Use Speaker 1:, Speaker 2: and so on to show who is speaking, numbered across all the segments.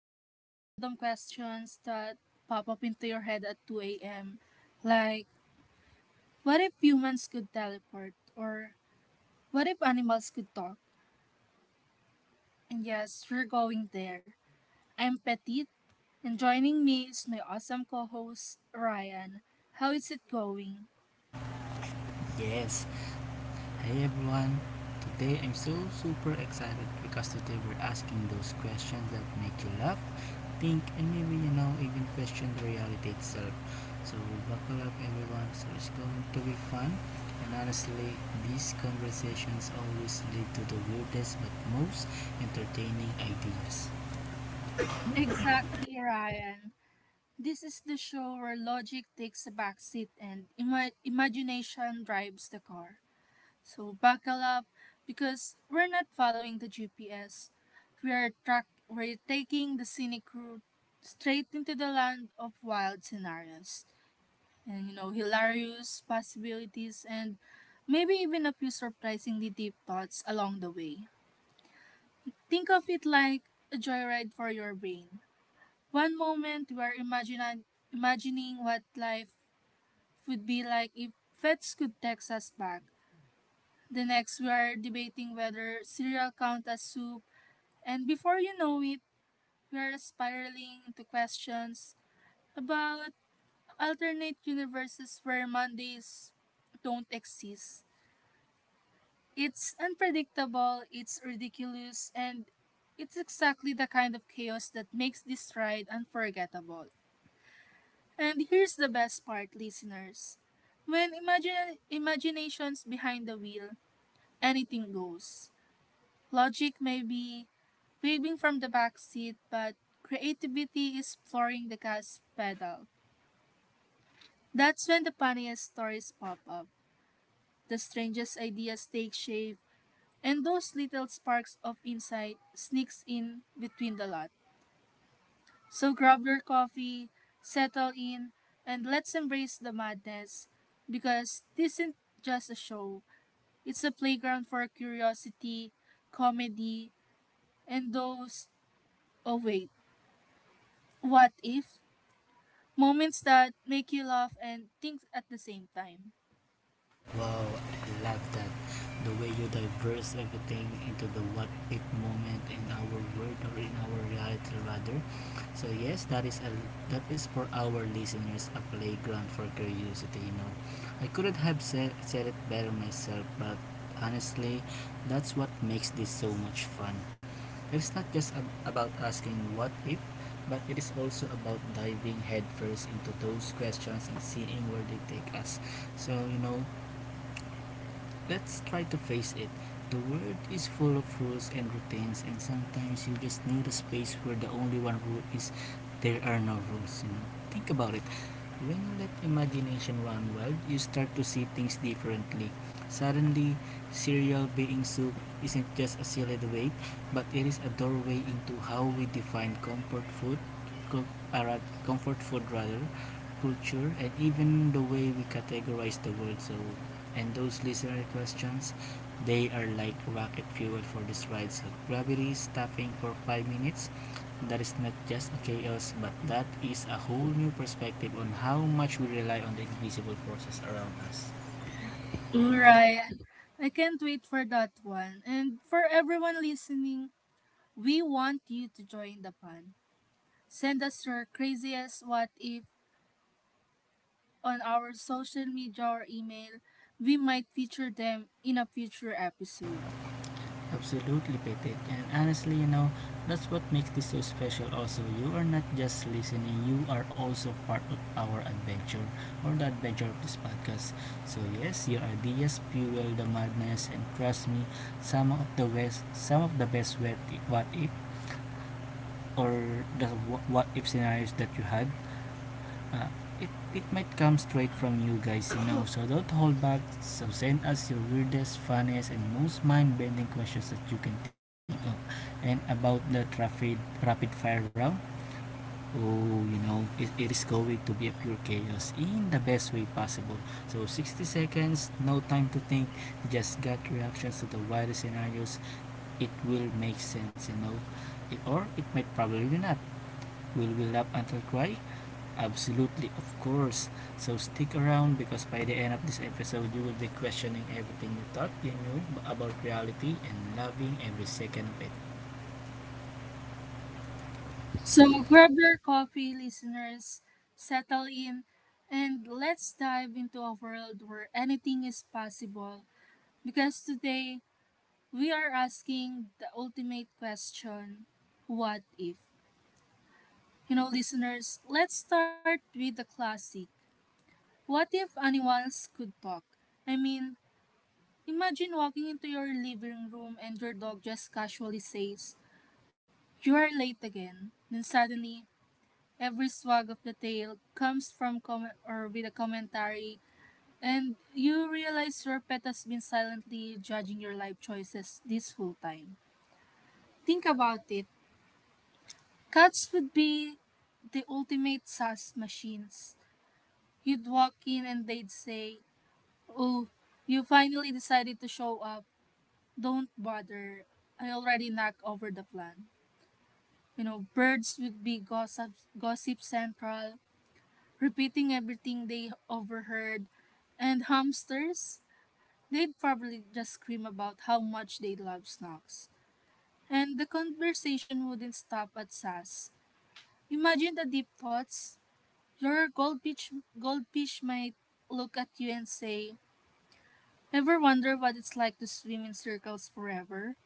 Speaker 1: random questions that pop up into your head at 2 a.m. Like, what if humans could teleport? Or what if animals could talk? And yes, we're going there. I'm Petit, and joining me is my awesome co-host Ryan. How is it going?
Speaker 2: Yes. Hey everyone. Today I'm so super excited because today we're asking those questions that make you laugh, think, and maybe even question the reality itself. So, buckle up everyone. So it's going to be fun. And honestly, these conversations always lead to the weirdest but most entertaining ideas.
Speaker 1: Exactly, Ryan. This is the show where logic takes a backseat and imagination drives the car. So buckle up because we're not following the GPS. We are track We're taking the scenic route straight into the land of wild scenarios and hilarious possibilities, and maybe even a few surprisingly deep thoughts along the way. Think of it like a joyride for your brain. One moment we're imagining what life would be like if pets could text us back. The next we are debating whether cereal count as soup. And before we are spiraling into questions about alternate universes where Mondays don't exist. It's unpredictable, it's ridiculous, and it's exactly the kind of chaos that makes this ride unforgettable. And here's the best part, listeners. When imagination's behind the wheel, anything goes. Logic may be waving from the back seat, but creativity is flooring the gas pedal. That's when the funniest stories pop up, the strangest ideas take shape, and those little sparks of insight sneaks in between the lot. So grab your coffee, settle in, and let's embrace the madness, because this isn't just a show. It's a playground for curiosity, comedy, and those, oh wait, what if? Moments that make you laugh and think at the same time.
Speaker 2: Wow, I love that. The way you diverse everything into the what if moment in our world or in our reality rather. So yes, that is for our listeners a playground for curiosity. I couldn't have said it better myself, but honestly, that's what makes this so much fun. It's not just about asking what if, but it is also about diving headfirst into those questions and seeing where they take us. So, you know, let's try to face it. The world is full of rules and routines, and sometimes you just need a space where the only one rule is there are no rules. You know, think about it. When you let imagination run wild, you start to see things differently. Suddenly, cereal being soup isn't just a silly debate, but it is a doorway into how we define uh, comfort food rather, culture, and even the way we categorize the world. So and those listener questions, they are like rocket fuel for this ride. So gravity stopping for 5 minutes, that is not just a chaos, but that is a whole new perspective on how much we rely on the invisible forces around us.
Speaker 1: Right, I can't wait for that one. And for everyone listening, we want you to join the fun. Send us your craziest what if on our social media or email, we might feature them in a future episode.
Speaker 2: Absolutely, Pitik. And honestly, you know, that's what makes this so special also. You are not just listening, you are also part of our adventure or the adventure of this podcast. So yes, your ideas fuel the madness and trust me, some of the best what if or the what if scenarios that you had uh, it, it might come straight from you guys, you know. So don't hold back. So send us your weirdest, funniest, and most mind-bending questions that you can think of. And about the traffic rapid fire round, oh, you know, it is going to be a pure chaos in the best way possible. So 60 seconds, no time to think, just gut reactions to the wildest scenarios. It will make sense, you know. Or it might probably not. Will we laugh until cry? Absolutely, of course. So stick around because by the end of this episode, you will be questioning everything you thought you knew about reality and loving every second of it.
Speaker 1: So grab your coffee, listeners, settle in, and let's dive into a world where anything is possible. Because today, we are asking the ultimate question, what if? You know, listeners, let's start with the classic. What if animals could talk? I mean, imagine walking into your living room and your dog just casually says, "You are late again." Then suddenly, every swag of the tail comes from comment or with a commentary, and you realize your pet has been silently judging your life choices this whole time. Think about it. Cats would be the ultimate sass machines. You'd walk in and they'd say, "Oh, you finally decided to show up. Don't bother. I already knocked over the plan." You know, birds would be gossip central, repeating everything they overheard. And hamsters, they'd probably just scream about how much they love snacks. And the conversation wouldn't stop at sass. Imagine the deep thoughts. Your goldfish might look at you and say, "Ever wonder what it's like to swim in circles forever?"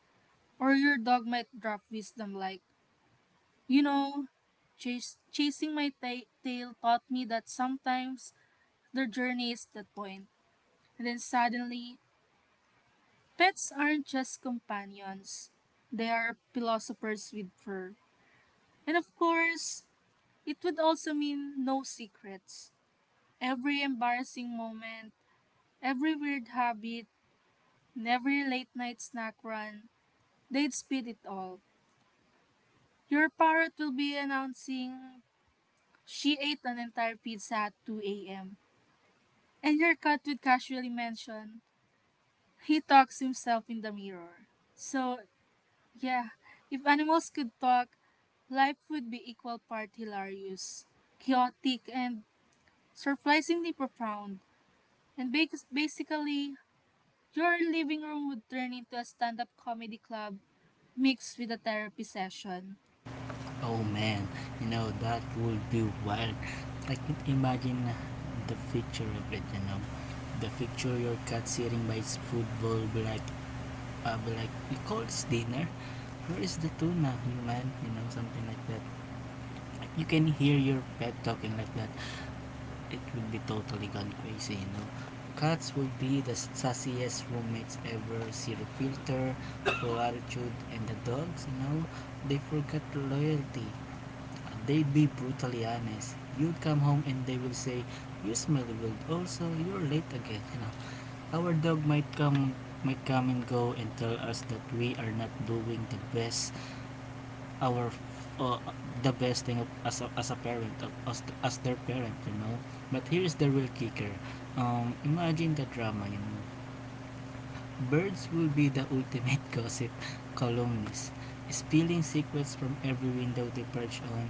Speaker 1: Or your dog might drop wisdom like, "You know, chasing my tail taught me that sometimes the journey is the point." And then suddenly, pets aren't just companions, they are philosophers with fur. And of course, it would also mean no secrets. Every embarrassing moment, every weird habit, and every late night snack run, they'd speed it all. Your parrot will be announcing she ate an entire pizza at 2 a.m. And your cat would casually mention, he talks himself in the mirror. So, yeah, if animals could talk, life would be equal part hilarious, chaotic, and surprisingly profound. And basically, your living room would turn into a stand up comedy club mixed with a therapy session.
Speaker 2: Oh man, you know, that would be wild. I can imagine the picture of it, you know. The picture your cat sitting by its food bowl, be like, you call this dinner? Where is the tuna, human? You know, something like that. You can hear your pet talking like that. It would be totally gone crazy, you know. Cats would be the sassiest roommates ever, zero filter, full attitude, and the dogs, you know, they forget loyalty. Uh, They'd be brutally honest. You'd come home and they will say, you smelly wild, also, you're late again, you know. Our dog might come and go and tell us that we are not doing our uh, the best thing of, as a parent as their parent, you know. But here is the real kicker. Imagine the drama, you know. Birds will be the ultimate gossip columnists, spilling secrets from every window they perch on.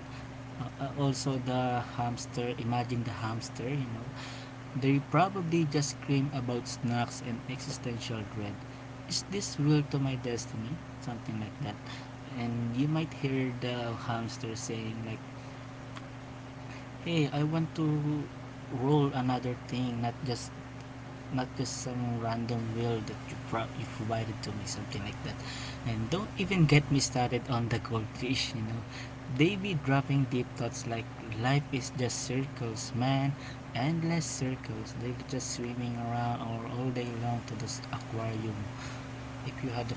Speaker 2: Also the hamster, imagine the hamster, you know. They probably just scream about snacks and existential dread. Is this real to my destiny? Something like that. And you might hear the hamster saying like, "Hey, I want to roll another thing, not just some random will that you provided to me," something like that. And don't even get me started on the goldfish, you know. They be dropping deep thoughts like life is just circles, man, endless circles. They're just swimming around all day long to this aquarium if you had a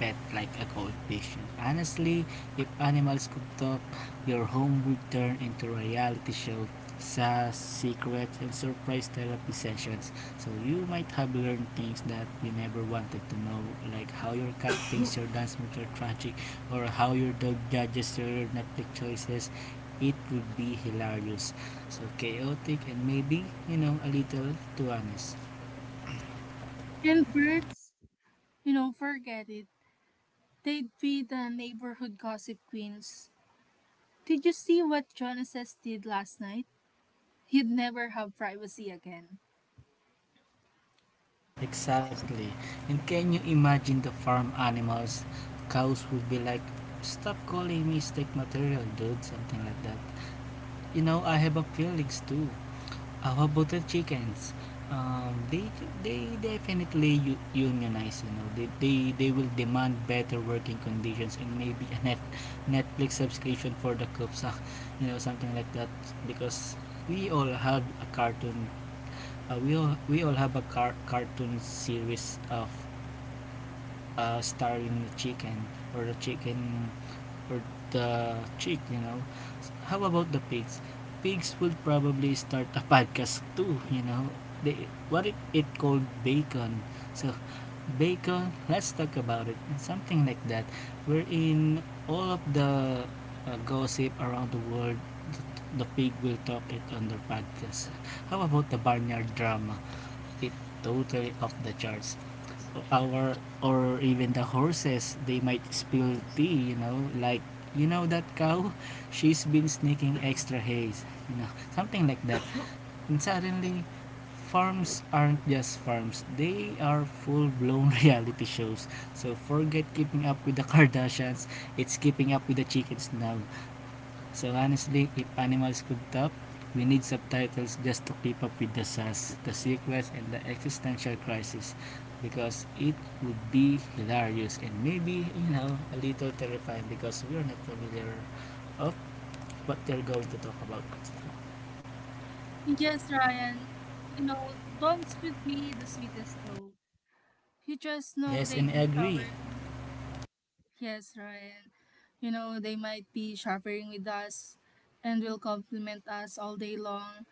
Speaker 2: pet like a goldfish. And honestly, if animals could talk, your home would turn into a reality show, sa secrets and surprise therapy sessions. So you might have learned things that you never wanted to know, like how your cat thinks your dance moves are tragic, or how your dog judges your Netflix choices. It would be hilarious. So chaotic and maybe, you know, a little too honest.
Speaker 1: And birds, you know, forget it. They'd be the neighborhood gossip queens. Did you see what Jonas did last night? He'd never have privacy again.
Speaker 2: Exactly. And can you imagine the farm animals? Cows would be like, stop calling me steak material, dude, something like that. You know, I have a feelings too. How about the chickens? They they definitely unionize. You know, they will demand better working conditions and maybe a Netflix subscription for the cubs. Ah, you know, something like that. Because we all have a cartoon. We all have a cartoon series of starving the chicken or the chicken or the chick, you know. How about the pigs? Pigs would probably start a podcast too, you know. They, what if it called bacon? So, bacon, let's talk about it. Something like that. Wherein all of the gossip around the world, the pig will talk it on their podcast. How about the barnyard drama? It totally off the charts. Our or even the horses, they might spill tea, you know, like, you know that cow, she's been sneaking extra hay, you know, something like that. And suddenly farms aren't just farms, they are full-blown reality shows. So forget keeping up with the Kardashians, it's keeping up with the chickens now. So honestly, if animals could talk, we need subtitles just to keep up with the sass, the sequence, and the existential crisis, because it would be hilarious and maybe, you know, a little terrifying because we're not familiar of what they're going to talk about.
Speaker 1: Yes, Ryan. You know, dogs would be the sweetest though. You just know
Speaker 2: Yes, and
Speaker 1: they'd
Speaker 2: I
Speaker 1: be
Speaker 2: agree.
Speaker 1: showering. Yes, Ryan. You know, they might be showering with us and will compliment us all day long.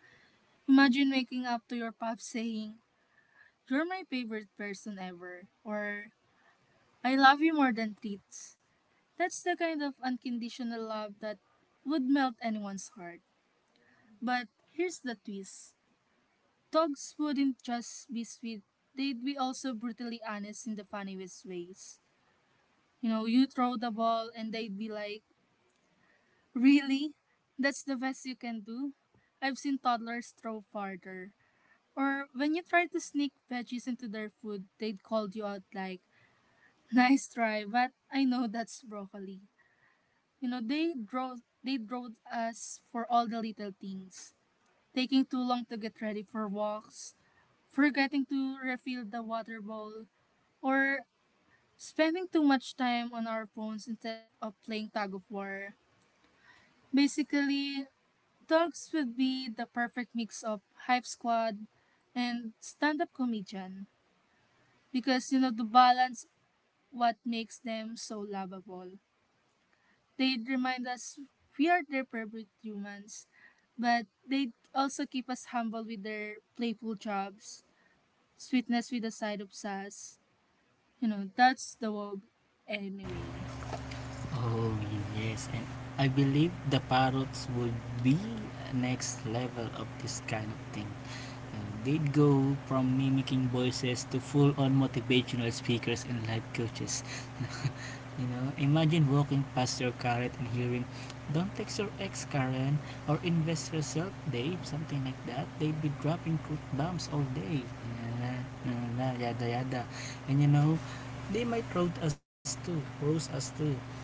Speaker 1: Imagine waking up to your pup saying, "You're my favorite person ever," or "I love you more than treats." That's the kind of unconditional love that would melt anyone's heart. But here's the twist. Dogs wouldn't just be sweet, they'd be also brutally honest in the funniest ways. You know, you throw the ball and they'd be like, "Really? That's the best you can do? I've seen toddlers throw farther." Or when you try to sneak veggies into their food, they'd call you out like, "Nice try, but I know that's broccoli." You know, they drove us for all the little things. Taking too long to get ready for walks, forgetting to refill the water bowl, or spending too much time on our phones instead of playing tug of war. Basically, dogs would be the perfect mix of hype squad and stand-up comedian, because you know the balance what makes them so lovable. They'd remind us we are their perfect humans, but they also keep us humble with their playful jobs, sweetness with a side of sass. You know, that's the wog anyway.
Speaker 2: Oh, yes, and I believe the parrots will be next level of this kind of thing. Uh, go from mimicking voices to full-on motivational speakers and life coaches. You know, imagine walking past your carrot and hearing, "Don't text your ex, Karen," or "Invest yourself, Dave," something like that. They'd be dropping truth bombs all day. Yeah, yeah, yeah, yada yada. And you know, they might roast us too. Roast us too.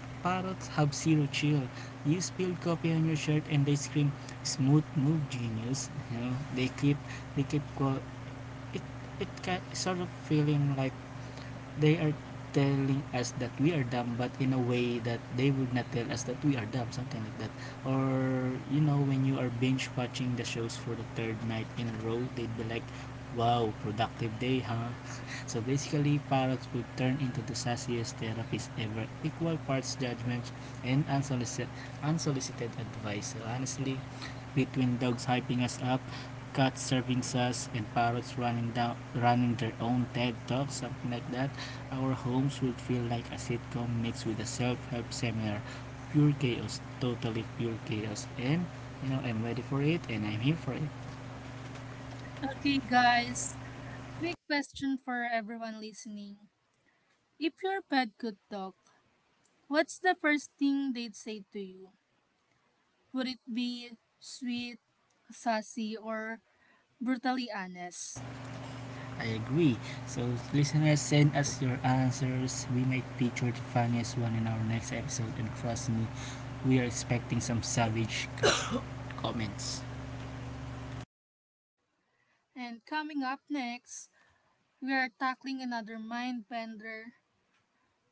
Speaker 2: Parrots have zero chill. You spilled coffee on your shirt and they scream, "Smooth move, genius!" You know, they keep. Quote, it sort of feeling like they are telling us that we are dumb but in a way that they would not tell us that we are dumb, something like that. Or you know, when you are binge watching the shows for the third night in a row, they'd be like, wow, productive day, huh? So basically parrots would turn into the sassiest therapist ever, equal parts judgments and unsolicited advice. So honestly, between dogs hyping us up, cats serving us, and parrots running their own Ted talks, something like that, our homes would feel like a sitcom mixed with a self-help seminar. Pure chaos, totally pure chaos. And you know, I'm ready for it and I'm here for it.
Speaker 1: Okay, guys. Quick question for everyone listening. If your pet could talk, what's the first thing they'd say to you? Would it be sweet, sassy, or brutally honest?
Speaker 2: I agree. So listeners, send us your answers. We might feature the funniest one in our next episode, and trust me, we are expecting some savage comments.
Speaker 1: And coming up next, we are tackling another mind bender.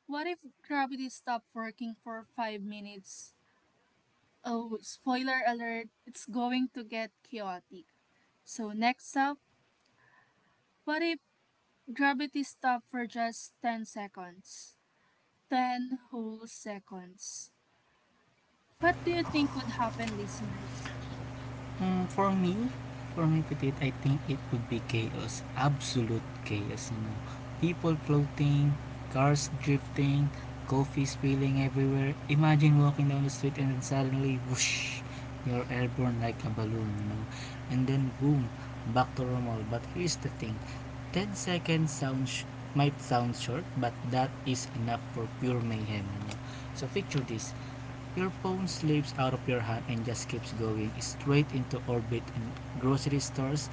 Speaker 1: What if gravity stopped working for 5 minutes? Oh, spoiler alert, it's going to get chaotic. So, next up, what if gravity stopped for just 10 seconds? 10 whole seconds. What do you think would happen, listeners?
Speaker 2: Mm, for me, for my petite, I think it would be chaos. Absolute chaos, you know. People floating, cars drifting, coffee spilling everywhere. Imagine walking down the street and then suddenly, whoosh, you're airborne like a balloon, you know. And then, boom, back to normal. But here's the thing, 10 might sound short, but that is enough for pure mayhem, you know. So, picture this. Your phone slips out of your hand and just keeps going straight into orbit. In grocery stores,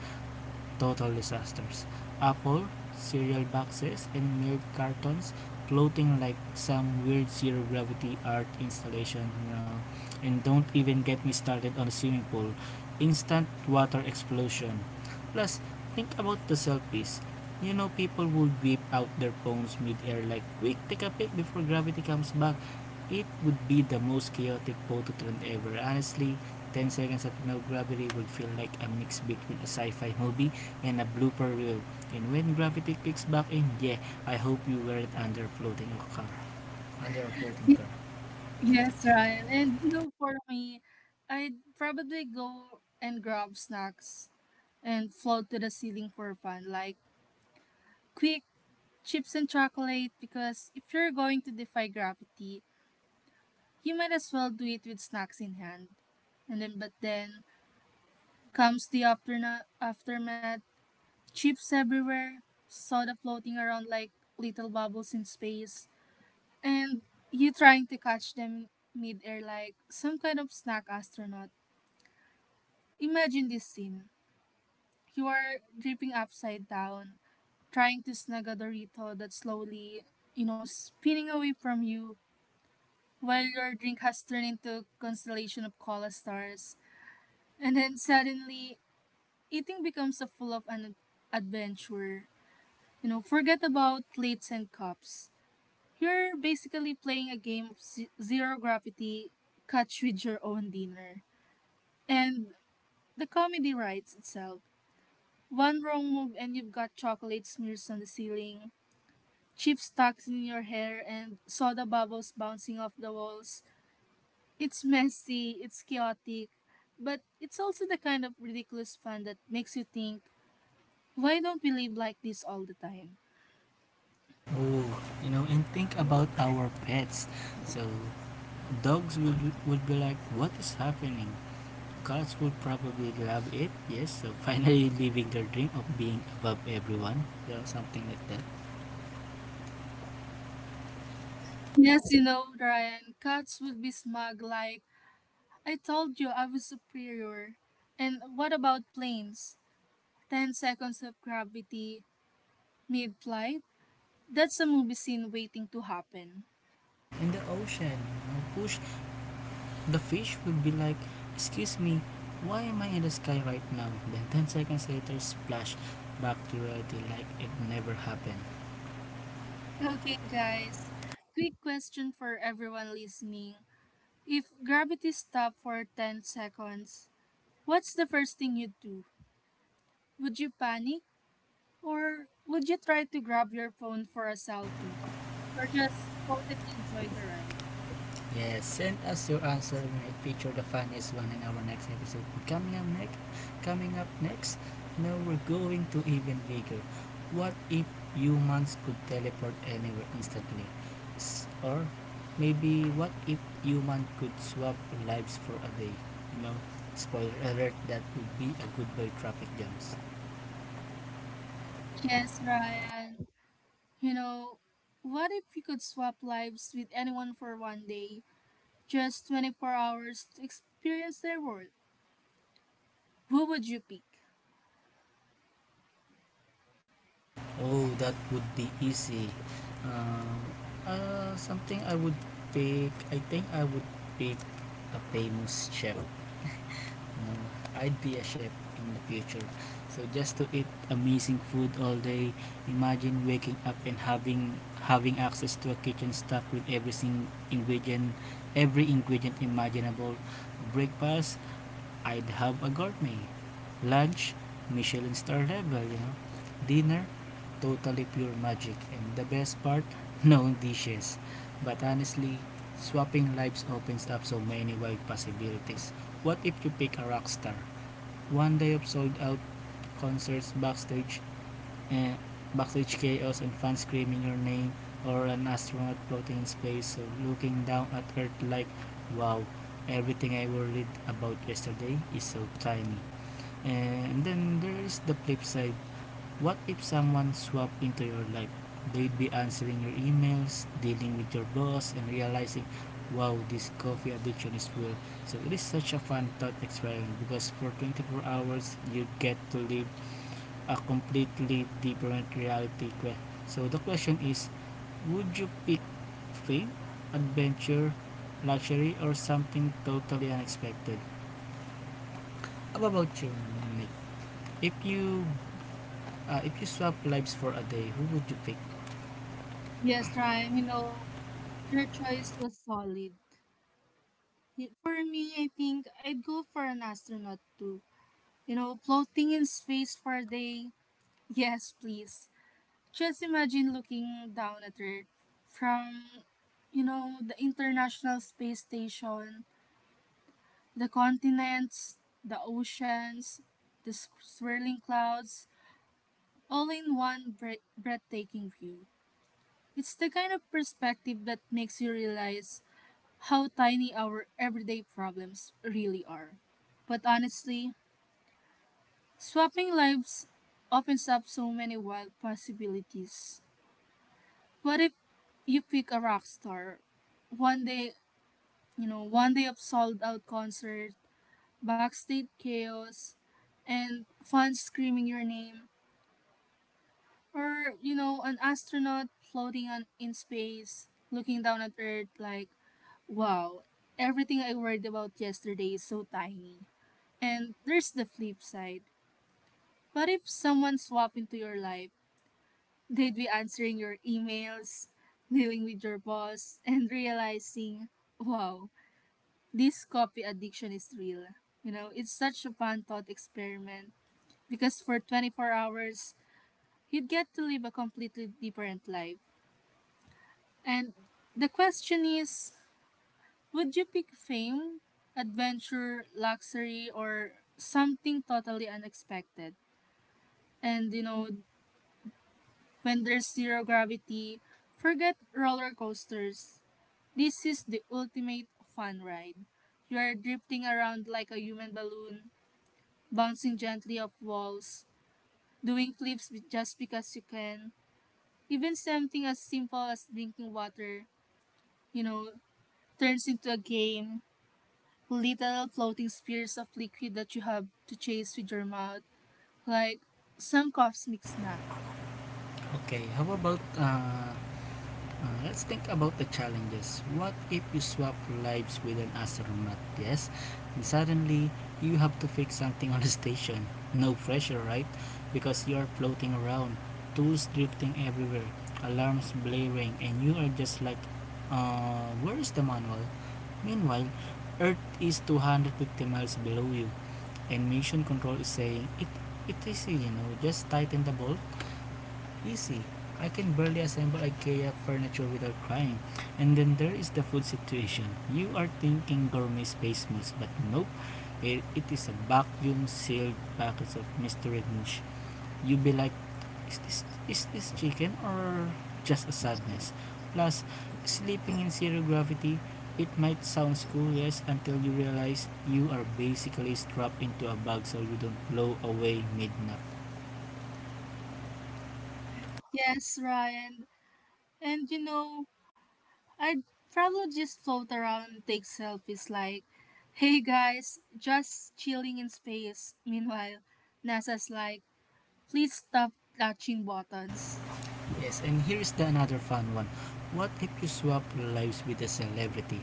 Speaker 2: total disasters. Apple, cereal boxes, and milk cartons floating like some weird zero gravity art installation, you know. And don't even get me started on a swimming pool. Instant water explosion. Plus, think about the selfies. You know, people would whip out their phones mid-air like, quick, take a pic before gravity comes back. It would be the most chaotic photo trend ever. Honestly, 10 seconds of no gravity would feel like a mix between a sci-fi movie and a blooper reel. And when gravity kicks back in, yeah, I hope you weren't under a floating a car. Under a floating car.
Speaker 1: Yes, Ryan. And you know, for me, I'd probably go and grab snacks and float to the ceiling for fun, like quick chips and chocolate, because if you're going to defy gravity, you might as well do it with snacks in hand. And then, but then comes the aftermath, chips everywhere, soda floating around like little bubbles in space, and you trying to catch them mid-air like some kind of snack astronaut. Imagine this scene. You are dripping upside down, trying to snag a Dorito that's slowly, you know, spinning away from you while your drink has turned into a constellation of cola stars. And then suddenly, eating becomes a full of an adventure. You know, forget about plates and cups. You're basically playing a game of zero gravity catch with your own dinner. And the comedy writes itself. One wrong move and you've got chocolate smears on the ceiling, chips tucked in your hair, and soda bubbles bouncing off the walls. It's messy, it's chaotic, but it's also the kind of ridiculous fun that makes you think, why don't we live like this all the time?
Speaker 2: Oh, you know, and think about our pets. So, dogs would, would be like, what is happening? Cats would probably love it, yes. So, finally living their dream of being above everyone. You know, something like that.
Speaker 1: Yes, you know, Ryan, cats would be smug like, "I told you I was superior." And what about planes? 10 seconds of gravity mid flight? That's a movie scene waiting to happen.
Speaker 2: And the ocean, push. The fish would be like, "Excuse me, why am I in the sky right now?" Then 10 seconds later, splash, back to reality like it never happened.
Speaker 1: Okay, guys, quick question for everyone listening. If gravity stopped for 10 seconds, what's the first thing you'd do? Would you panic? Or would you try to grab your phone for a selfie? Or just float and enjoy the ride?
Speaker 2: Yes, send us your answer. We might feature the funniest one in our next episode. Coming up next, now we're going to even bigger. What if humans could teleport anywhere instantly? Or maybe what if human could swap lives for a day? You know, spoiler alert, that would be a goodbye traffic jams.
Speaker 1: Yes, Ryan. You know, what if you could swap lives with anyone for one day, just 24 hours to experience their world? Who would you pick?
Speaker 2: Oh, that would be easy. Uh, something I would pick. I think I would pick a famous chef. You know, I'd be a chef in the future. So just to eat amazing food all day. Imagine waking up and having access to a kitchen stocked with ingredient, every ingredient imaginable. Breakfast, I'd have a gourmet lunch, Michelin star level, you know, dinner, totally pure magic, and the best part, no dishes. But honestly, swapping lives opens up so many wide possibilities. What if you pick a rock star? One day of sold out concerts backstage, and backstage chaos and fans screaming your name, or an astronaut floating in space so looking down at earth like, wow, everything I worried about yesterday is so tiny. And then there is the flip side. What if someone swapped into your life? They'd be answering your emails, dealing with your boss, and realizing, wow, this coffee addiction is real. So it is such a fun thought experiment because for 24 hours you get to live a completely different reality quest. So the question is, would you pick fate, adventure, luxury, or something totally unexpected? How about you, Nick? If you if you swap lives for a day, who would you pick?
Speaker 1: Yes, Ryan, you know, your choice was solid. Y- For me, I think I'd go for an astronaut too. You know, floating in space for a day. Yes, please. Just imagine looking down at Earth from, you know, the International Space Station, the continents, the oceans, the s- swirling clouds, all in one breathtaking view. It's the kind of perspective that makes you realize how tiny our everyday problems really are. But honestly, swapping lives opens up so many wild possibilities. What if you pick a rock star? One day, you know, one day of sold out concert, backstage chaos, and fans screaming your name. Or, you know, an astronaut floating on, in space, looking down at Earth like, wow, everything I worried about yesterday is so tiny. And there's the flip side. What if someone swapped into your life? They'd be answering your emails, dealing with your boss, and realizing, wow, this coffee addiction is real. You know, it's such a fun thought experiment because for 24 hours, you'd get to live a completely different life. And the question is, would you pick fame, adventure, luxury, or something totally unexpected? And you know, when there's zero gravity, forget roller coasters. This is the ultimate fun ride. You are drifting around like a human balloon, bouncing gently off walls, doing flips just because you can. Even something as simple as drinking water, you know, turns into a game. Little floating spheres of liquid that you have to chase with your mouth, like some cosmic snack.
Speaker 2: Okay, how about let's think about the challenges. What if you swap lives with an astronaut? Yes, and suddenly you have to fix something on the station. No pressure, right? Because you are floating around, tools drifting everywhere, alarms blaring, and you are just like, where is the manual? Meanwhile, Earth is 250 miles below you, and mission control is saying, it is, you know, just tighten the bolt. Easy. I can barely assemble IKEA furniture without crying. And then there is the food situation. You are thinking gourmet space meals, but nope. It is a vacuum sealed package of mystery dish. You be like, is this chicken or just a sadness? Plus, sleeping in zero gravity, it might sound cool, yes, until you realize you are basically strapped into a bag so you don't blow away midnight.
Speaker 1: Yes, Ryan. And you know, I'd probably just float around and take selfies like, "Hey guys, just chilling in space." Meanwhile, NASA's like, "Please stop touching buttons."
Speaker 2: Yes, and here is the another fun one. What if you swap lives with a celebrity?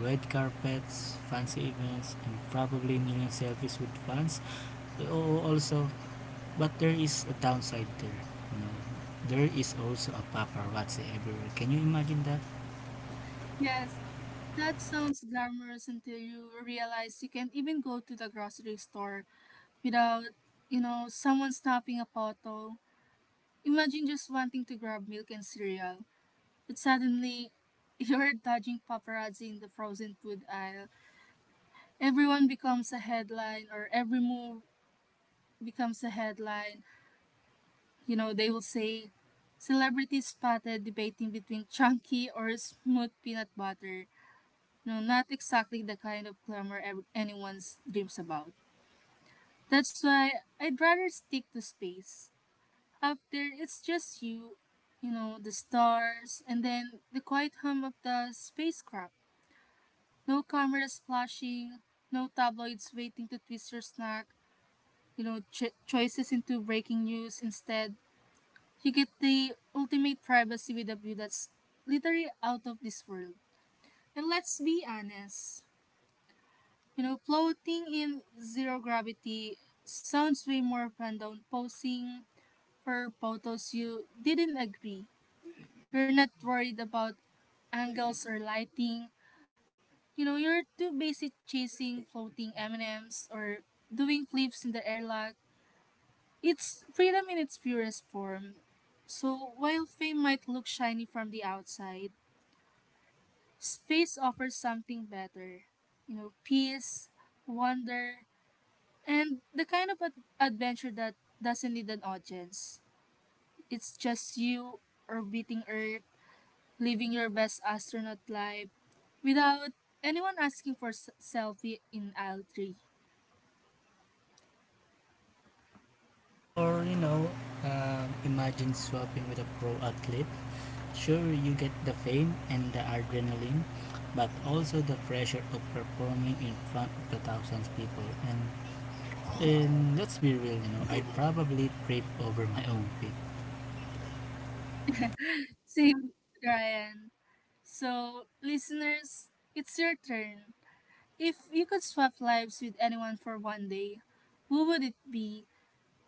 Speaker 2: Red carpets, fancy events, and probably million selfies with fans. Oh, also, but there is a downside there. You know, there is also a paparazzi everywhere. Can you imagine that?
Speaker 1: Yes, that sounds glamorous until you realize you can even go to the grocery store without, you know, someone stopping a photo. Imagine just wanting to grab milk and cereal, but suddenly you're dodging paparazzi in the frozen food aisle. Everyone becomes a headline, or every move becomes a headline. You know, they will say, celebrities spotted debating between chunky or smooth peanut butter. No, not exactly the kind of glamour anyone dreams about. That's why I'd rather stick to space. Up there, it's just you, you know, the stars, and then the quiet hum of the spacecraft. No cameras flashing, no tabloids waiting to twist your snack, you know, choices into breaking news instead. You get the ultimate privacy with a view that's literally out of this world. And let's be honest, you know, floating in zero gravity sounds way more fun than posing for photos you didn't agree. You're not worried about angles or lighting. You know, you're too busy chasing floating M&Ms or doing flips in the airlock. It's freedom in its purest form. So while fame might look shiny from the outside, space offers something better. You know, peace, wonder, and the kind of adventure that doesn't need an audience. It's just you orbiting Earth, living your best astronaut life without anyone asking for s- selfie in aisle 3.
Speaker 2: Or you know, imagine swapping with a pro athlete. Sure, you get the fame and the adrenaline, but also the pressure of performing in front of the thousands of people. And let's be real, you know, I probably tripped over my own pick.
Speaker 1: Same, Ryan. So, listeners, it's your turn. If you could swap lives with anyone for one day, who would it be,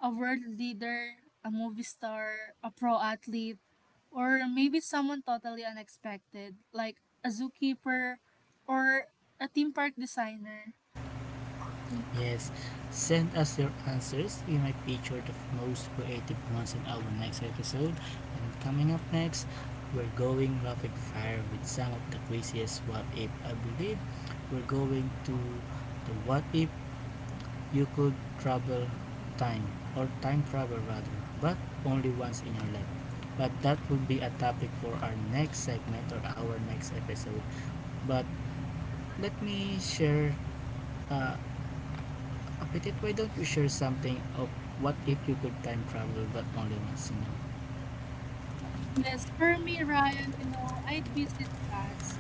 Speaker 1: a world leader, a movie star, a pro athlete, or maybe someone totally unexpected, like a zookeeper or a theme park designer.
Speaker 2: Yes, send us your answers. We might feature the most creative ones in our next episode. And coming up next, we're going rapid fire with some of the craziest what if. I believe we're going to the what if you could travel time, or time travel rather, but only once in your life. But that will be a topic for our next segment or our next episode. But let me share, uh, Petit, why don't you share something of what if you could time travel but only once, you know?
Speaker 1: Yes, for me, Ryan, you know, I'd visit past.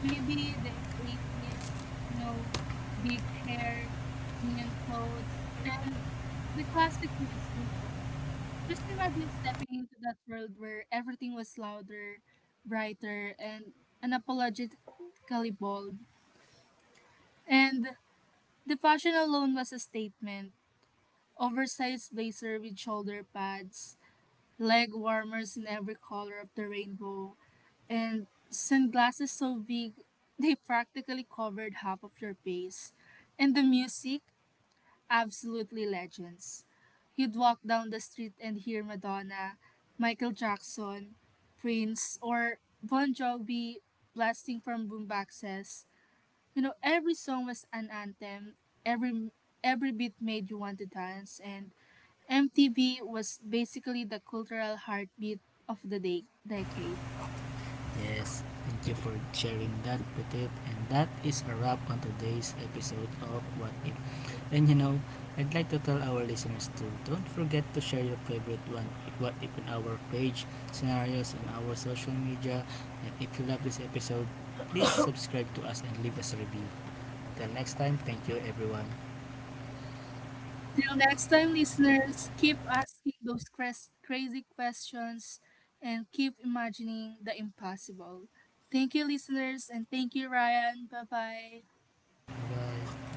Speaker 1: Maybe the '80s, you know, big hair, neon clothes, and the classic music. Just imagine stepping into that world where everything was louder, brighter, and unapologetically bold. And the fashion alone was a statement. Oversized blazer with shoulder pads, leg warmers in every color of the rainbow, and sunglasses so big they practically covered half of your face. And the music? Absolutely legends. You'd walk down the street and hear Madonna, Michael Jackson, Prince, or Bon Jovi blasting from boomboxes. You know, every song was an anthem. Every every beat made you want to dance, and MTV was basically the cultural heartbeat of the day, decade.
Speaker 2: Yes, thank you for sharing that, Petit. And that is a wrap on today's episode of What If. And you know, I'd like to tell our listeners to don't forget to share your favorite one, What If, on our page, scenarios, on our social media. And if you love this episode, please subscribe to us and leave us a review. Till next time, thank you everyone.
Speaker 1: Till next time, listeners, keep asking those crazy questions and keep imagining the impossible. Thank you, listeners, and thank you, Ryan. Bye bye.
Speaker 2: Bye.